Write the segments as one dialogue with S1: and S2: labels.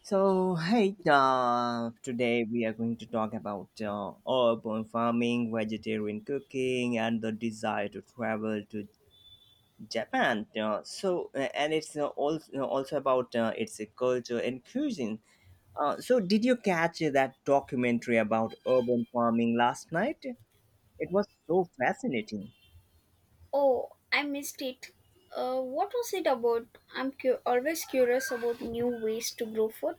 S1: So, hey, today we are going to talk about urban farming, vegetarian cooking, and the desire to travel to Japan. And it's also about its culture and cuisine. Did you catch that documentary about urban farming last night? It was so fascinating.
S2: Oh, I missed it. What was it about? Always curious about new ways to grow food.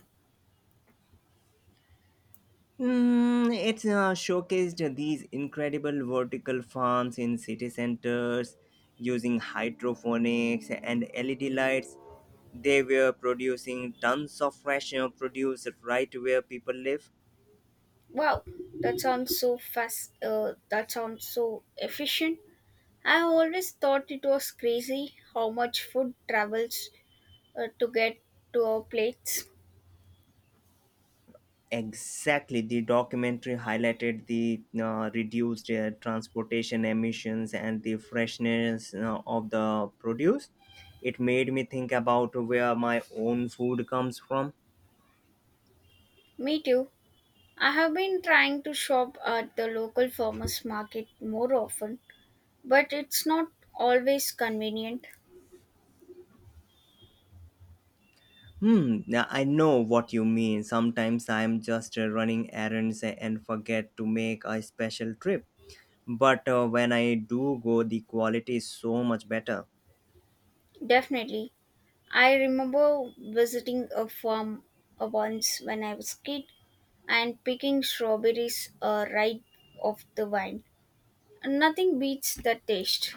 S1: It's showcased these incredible vertical farms in city centers using hydroponics and LED lights. They were producing tons of fresh produce right where people live.
S2: Wow, that sounds so fast. That sounds so efficient. I always thought it was crazy how much food travels to get to our plates.
S1: Exactly, the documentary highlighted the reduced transportation emissions and the freshness of the produce. It made me think about where my own food comes from.
S2: Me too. I have been trying to shop at the local farmers market more often, but it's not always convenient.
S1: Hmm, yeah, I know what you mean. Sometimes I'm just running errands and forget to make a special trip. But when I do go, the quality is so much better.
S2: Definitely. I remember visiting a farm once when I was kid and picking strawberries, right off the vine. Nothing beats the taste.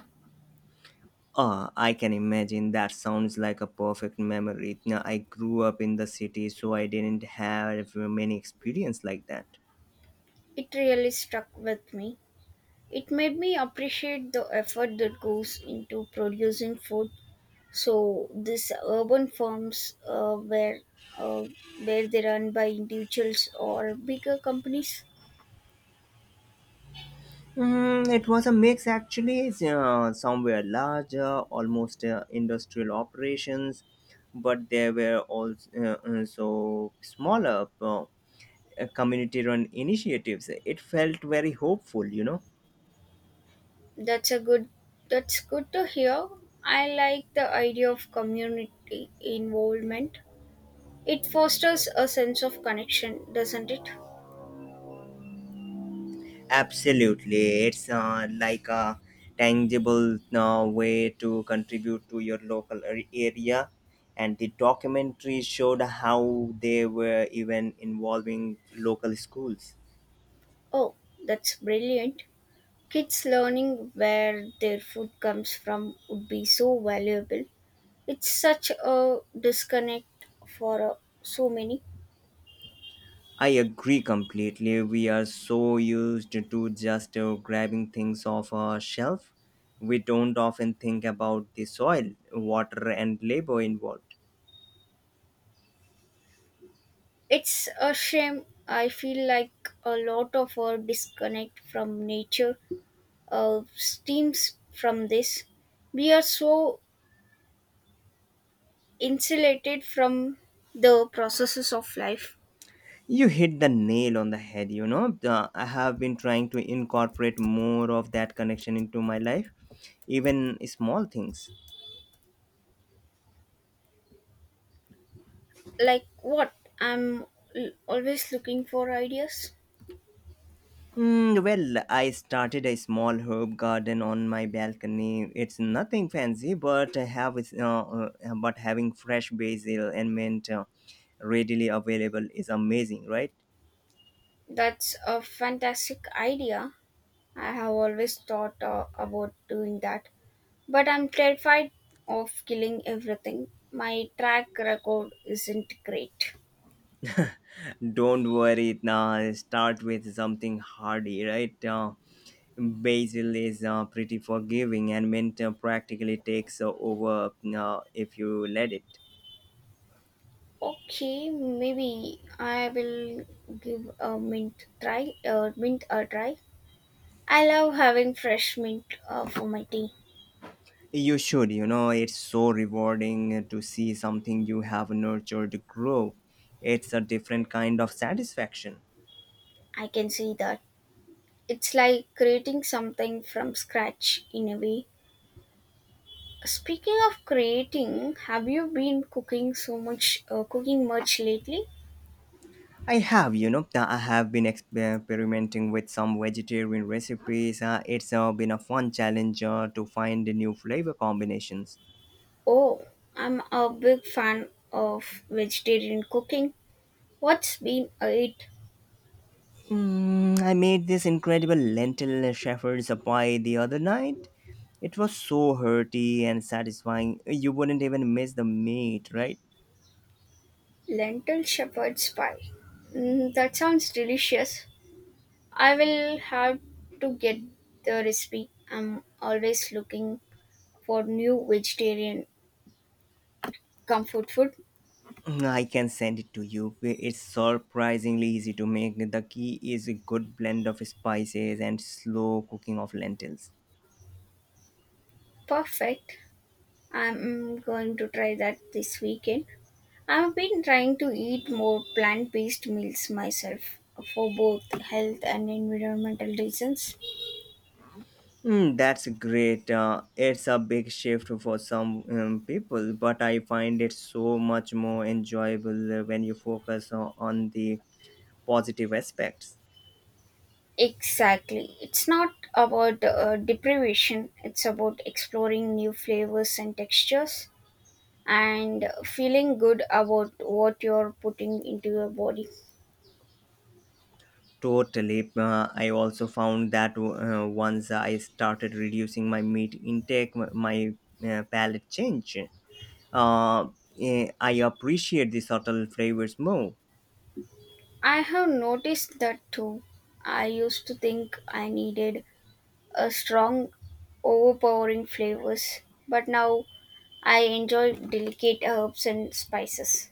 S1: Ah, I can imagine that sounds like a perfect memory. Now, I grew up in the city, so I didn't have many experience like that.
S2: It really stuck with me. It made me appreciate the effort that goes into producing food. So these urban farms, uh, where they run by individuals or bigger companies?
S1: It was a mix actually, somewhere larger, almost industrial operations, but there were also so smaller community run initiatives. It felt very hopeful, you know.
S2: That's a good that's good to hear. I like the idea of community involvement. It fosters a sense of connection, doesn't it?
S1: Absolutely. It's like a tangible way to contribute to your local area. And the documentary showed how they were even involving local schools.
S2: Oh, that's brilliant. Kids learning where their food comes from would be so valuable. It's such a disconnect for so many.
S1: I agree completely. We are so used to just grabbing things off a shelf. We don't often think about the soil, water, and labor involved.
S2: It's a shame. I feel like a lot of our disconnect from nature stems from this. We are so insulated from the processes of life.
S1: You hit the nail on the head, you know. I have been trying to incorporate more of that connection into my life, even small things.
S2: Like what? I'm always looking for ideas.
S1: Well, I started a small herb garden on my balcony. It's nothing fancy, but but having fresh basil and mint readily available is amazing, right?
S2: That's a fantastic idea. I have always thought about doing that. But I'm terrified of killing everything. My track record isn't great.
S1: Don't worry, now start with something hardy, right? Basil is pretty forgiving, and mint practically takes over if you let it.
S2: Okay, maybe I will give a mint try. Mint a try. I love having fresh mint for my tea.
S1: You should, you know, it's so rewarding to see something you have nurtured grow. It's a different kind of satisfaction.
S2: I can see that. It's like creating something from scratch in a way. Speaking of creating, have you been cooking much lately?
S1: I have, you know, I have been experimenting with some vegetarian recipes. It's been a fun challenge to find new flavor combinations.
S2: Oh, I'm a big fan of vegetarian cooking. What's been it?
S1: I made this incredible lentil shepherd's pie the other night. It was so hearty and satisfying. You wouldn't even miss the meat, right?
S2: Lentil shepherd's pie, mm, that sounds delicious. I will have to get the recipe. I'm always looking for new vegetarian comfort food.
S1: I can send it to you. It's surprisingly easy to make. The key is a good blend of spices and slow cooking of lentils.
S2: Perfect. I'm going to try that this weekend. I've been trying to eat more plant based meals myself for both health and environmental reasons.
S1: That's great. It's a big shift for some people, but I find it so much more enjoyable when you focus on the positive aspects.
S2: Exactly. It's not about deprivation, it's about exploring new flavors and textures and feeling good about what you're putting into your body.
S1: Totally. I also found that once I started reducing my meat intake, palate changed. uh, I appreciate the subtle flavors more.
S2: I have noticed that too. I used to think I needed a strong, overpowering flavors, but now I enjoy delicate herbs and spices.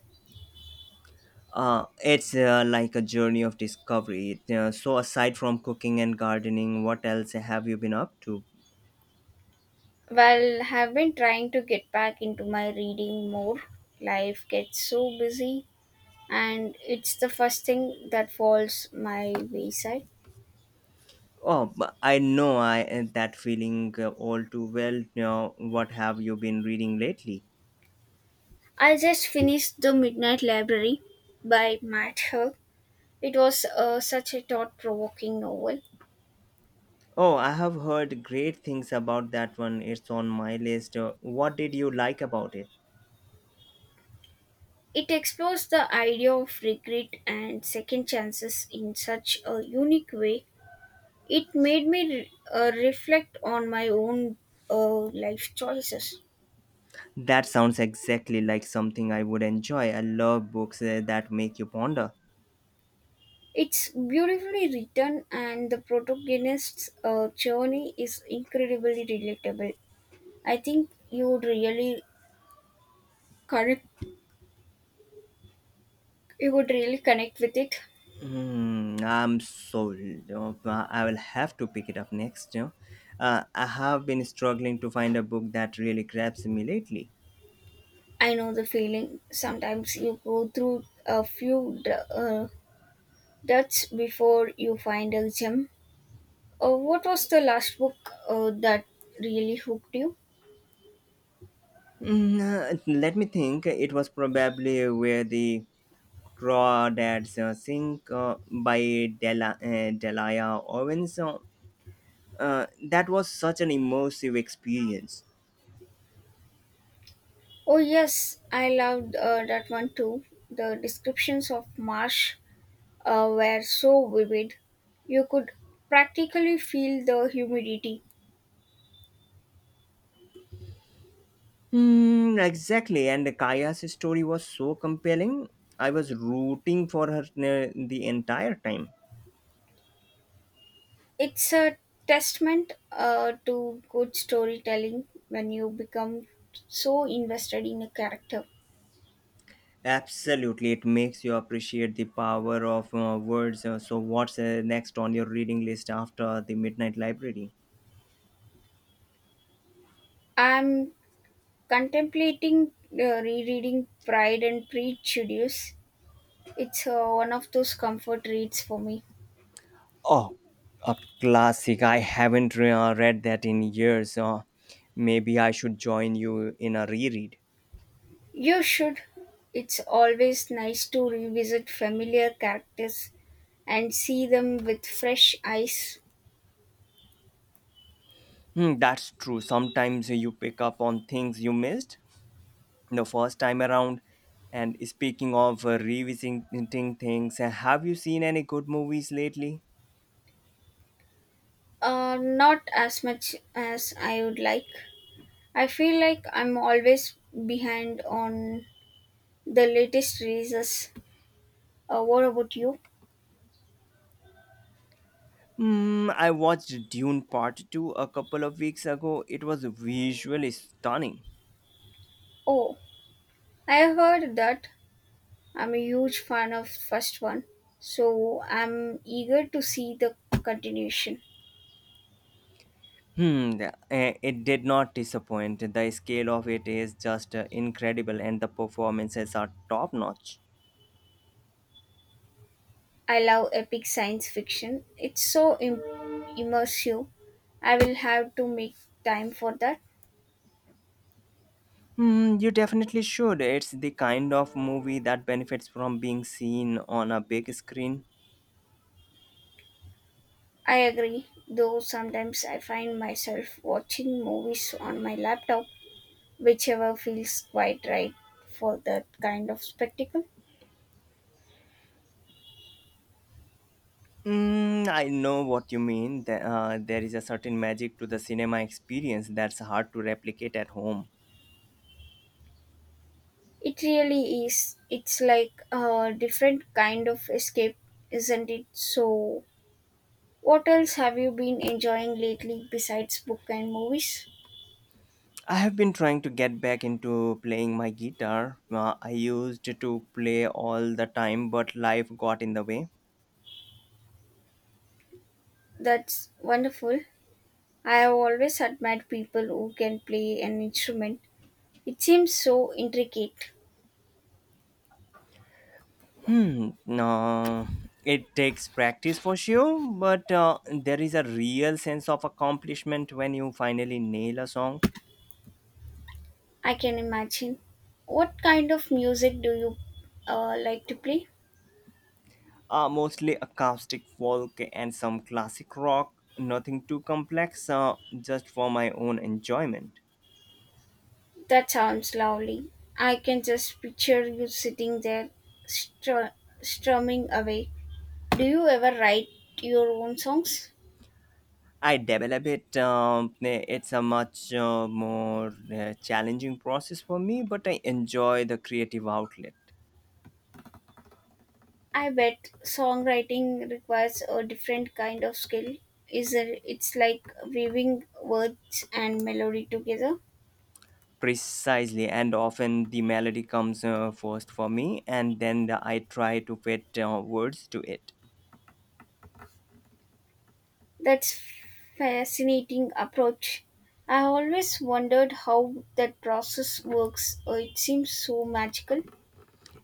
S1: It's like a journey of discovery. Aside from cooking and gardening, what else have you been up to?
S2: Well, have been trying to get back into my reading more. Life gets so busy, and it's the first thing that falls my wayside.
S1: Oh, but I know that feeling all too well. You know what have you been reading lately?
S2: I just finished The Midnight Library by Matt Haig. It was such a thought provoking novel.
S1: Oh, I have heard great things about that one. It's on my list. What did you like about it?
S2: It explores the idea of regret and second chances in such a unique way. It made me reflect on my own life choices.
S1: That sounds exactly like something I would enjoy. I love books that make you ponder.
S2: It's beautifully written, and the protagonist's journey is incredibly relatable. I think you would really connect. You would really connect with it.
S1: Hmm, I'm sold. You know, I will have to pick it up next. I have been struggling to find a book that really grabs me lately.
S2: I know the feeling. Sometimes you go through a duds before you find a gem. What was the last book that really hooked you?
S1: Let me think. It was probably where the crawdads sink by Delia Owens. That was such an immersive experience.
S2: Oh yes, I loved that one too. The descriptions of marsh were so vivid. You could practically feel the humidity.
S1: Hmm, exactly. And Kaya's story was so compelling. I was rooting for her the entire time.
S2: It's a testament to good storytelling when you become so invested in a character.
S1: Absolutely, it makes you appreciate the power of words. What's next on your reading list after the Midnight Library?
S2: I'm contemplating rereading Pride and Prejudice. It's one of those comfort reads for me.
S1: Oh, a classic. I haven't read that in years. Maybe I should join you in a reread.
S2: You should. It's always nice to revisit familiar characters and see them with fresh eyes.
S1: Hmm, that's true. Sometimes you pick up on things you missed the first time around. And speaking of revisiting things, have you seen any good movies lately?
S2: Not as much as I would like. I feel like I'm always behind on the latest releases. What about you?
S1: I watched Dune Part 2 a couple of weeks ago. It was visually stunning.
S2: Oh, I heard that. I'm a huge fan of first one, so I'm eager to see the continuation.
S1: Hmm, the- it did not disappoint. The scale of it is just incredible, and the performances are top notch.
S2: I love epic science fiction. Immersive. I will have to make time for that.
S1: Hmm, you definitely should. It's the kind of movie that benefits from being seen on a big screen.
S2: I agree, though sometimes I find myself watching movies on my laptop, whichever feels quite right for that kind of spectacle.
S1: I know what you mean. There is a certain magic to the cinema experience that's hard to replicate at home.
S2: It really is. It's like a different kind of escape, isn't it? So, what else have you been enjoying lately besides book and movies?
S1: I have been trying to get back into playing my guitar. I used to play all the time, but life got in the way.
S2: That's wonderful. I have always admired people who can play an instrument. It seems so intricate.
S1: Hmm. No, it takes practice for sure, but there is a real sense of accomplishment when you finally nail a song.
S2: I can imagine. What kind of music do you like to play?
S1: Mostly acoustic folk and some classic rock. Nothing too complex. Just for my own enjoyment.
S2: That sounds lovely. I can just picture you sitting there str- strumming away. Do you ever write your own songs?
S1: I develop it. It's a much more challenging process for me, but I enjoy the creative outlet
S2: I bet songwriting requires a different kind of skill. It's like weaving words and melody together.
S1: precisely. And often the melody comes first for me, and I try to fit words to it.
S2: That's fascinating approach. I always wondered how that process works. It seems so magical.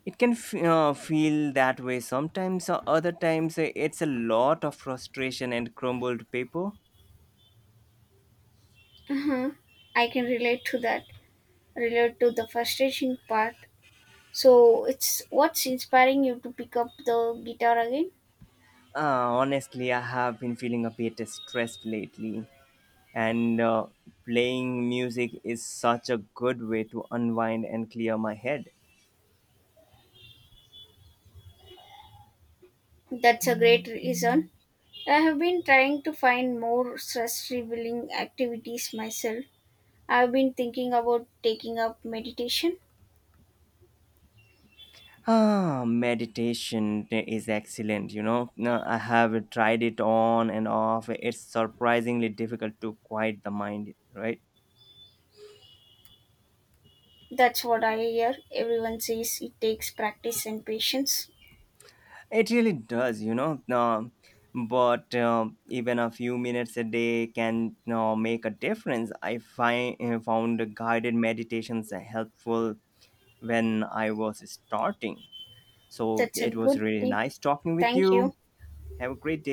S1: It can feel that way sometimes, or other times it's a lot of frustration and crumbled paper.
S2: Uh-huh. I can relate to that. Relate to the frustration part. So it's what's inspiring you to pick up the guitar again.
S1: Honestly, I have been feeling a bit stressed lately and playing music is such a good way to unwind and clear my head.
S2: That's a great reason. I have been trying to find more stress relieving activities myself. I've been thinking about taking up meditation.
S1: Ah, meditation is excellent, you know. Now, I have tried it on and off. It's surprisingly difficult to quiet the mind, right?
S2: That's what I hear. Everyone says it takes practice and patience.
S1: It really does, you know. Now, but even a few minutes a day can you make a difference. I find found guided meditations helpful when I was starting. So
S2: That's a
S1: it was
S2: good
S1: really
S2: tip.
S1: nice talking with
S2: Thank
S1: you.
S2: you.
S1: Have a great day.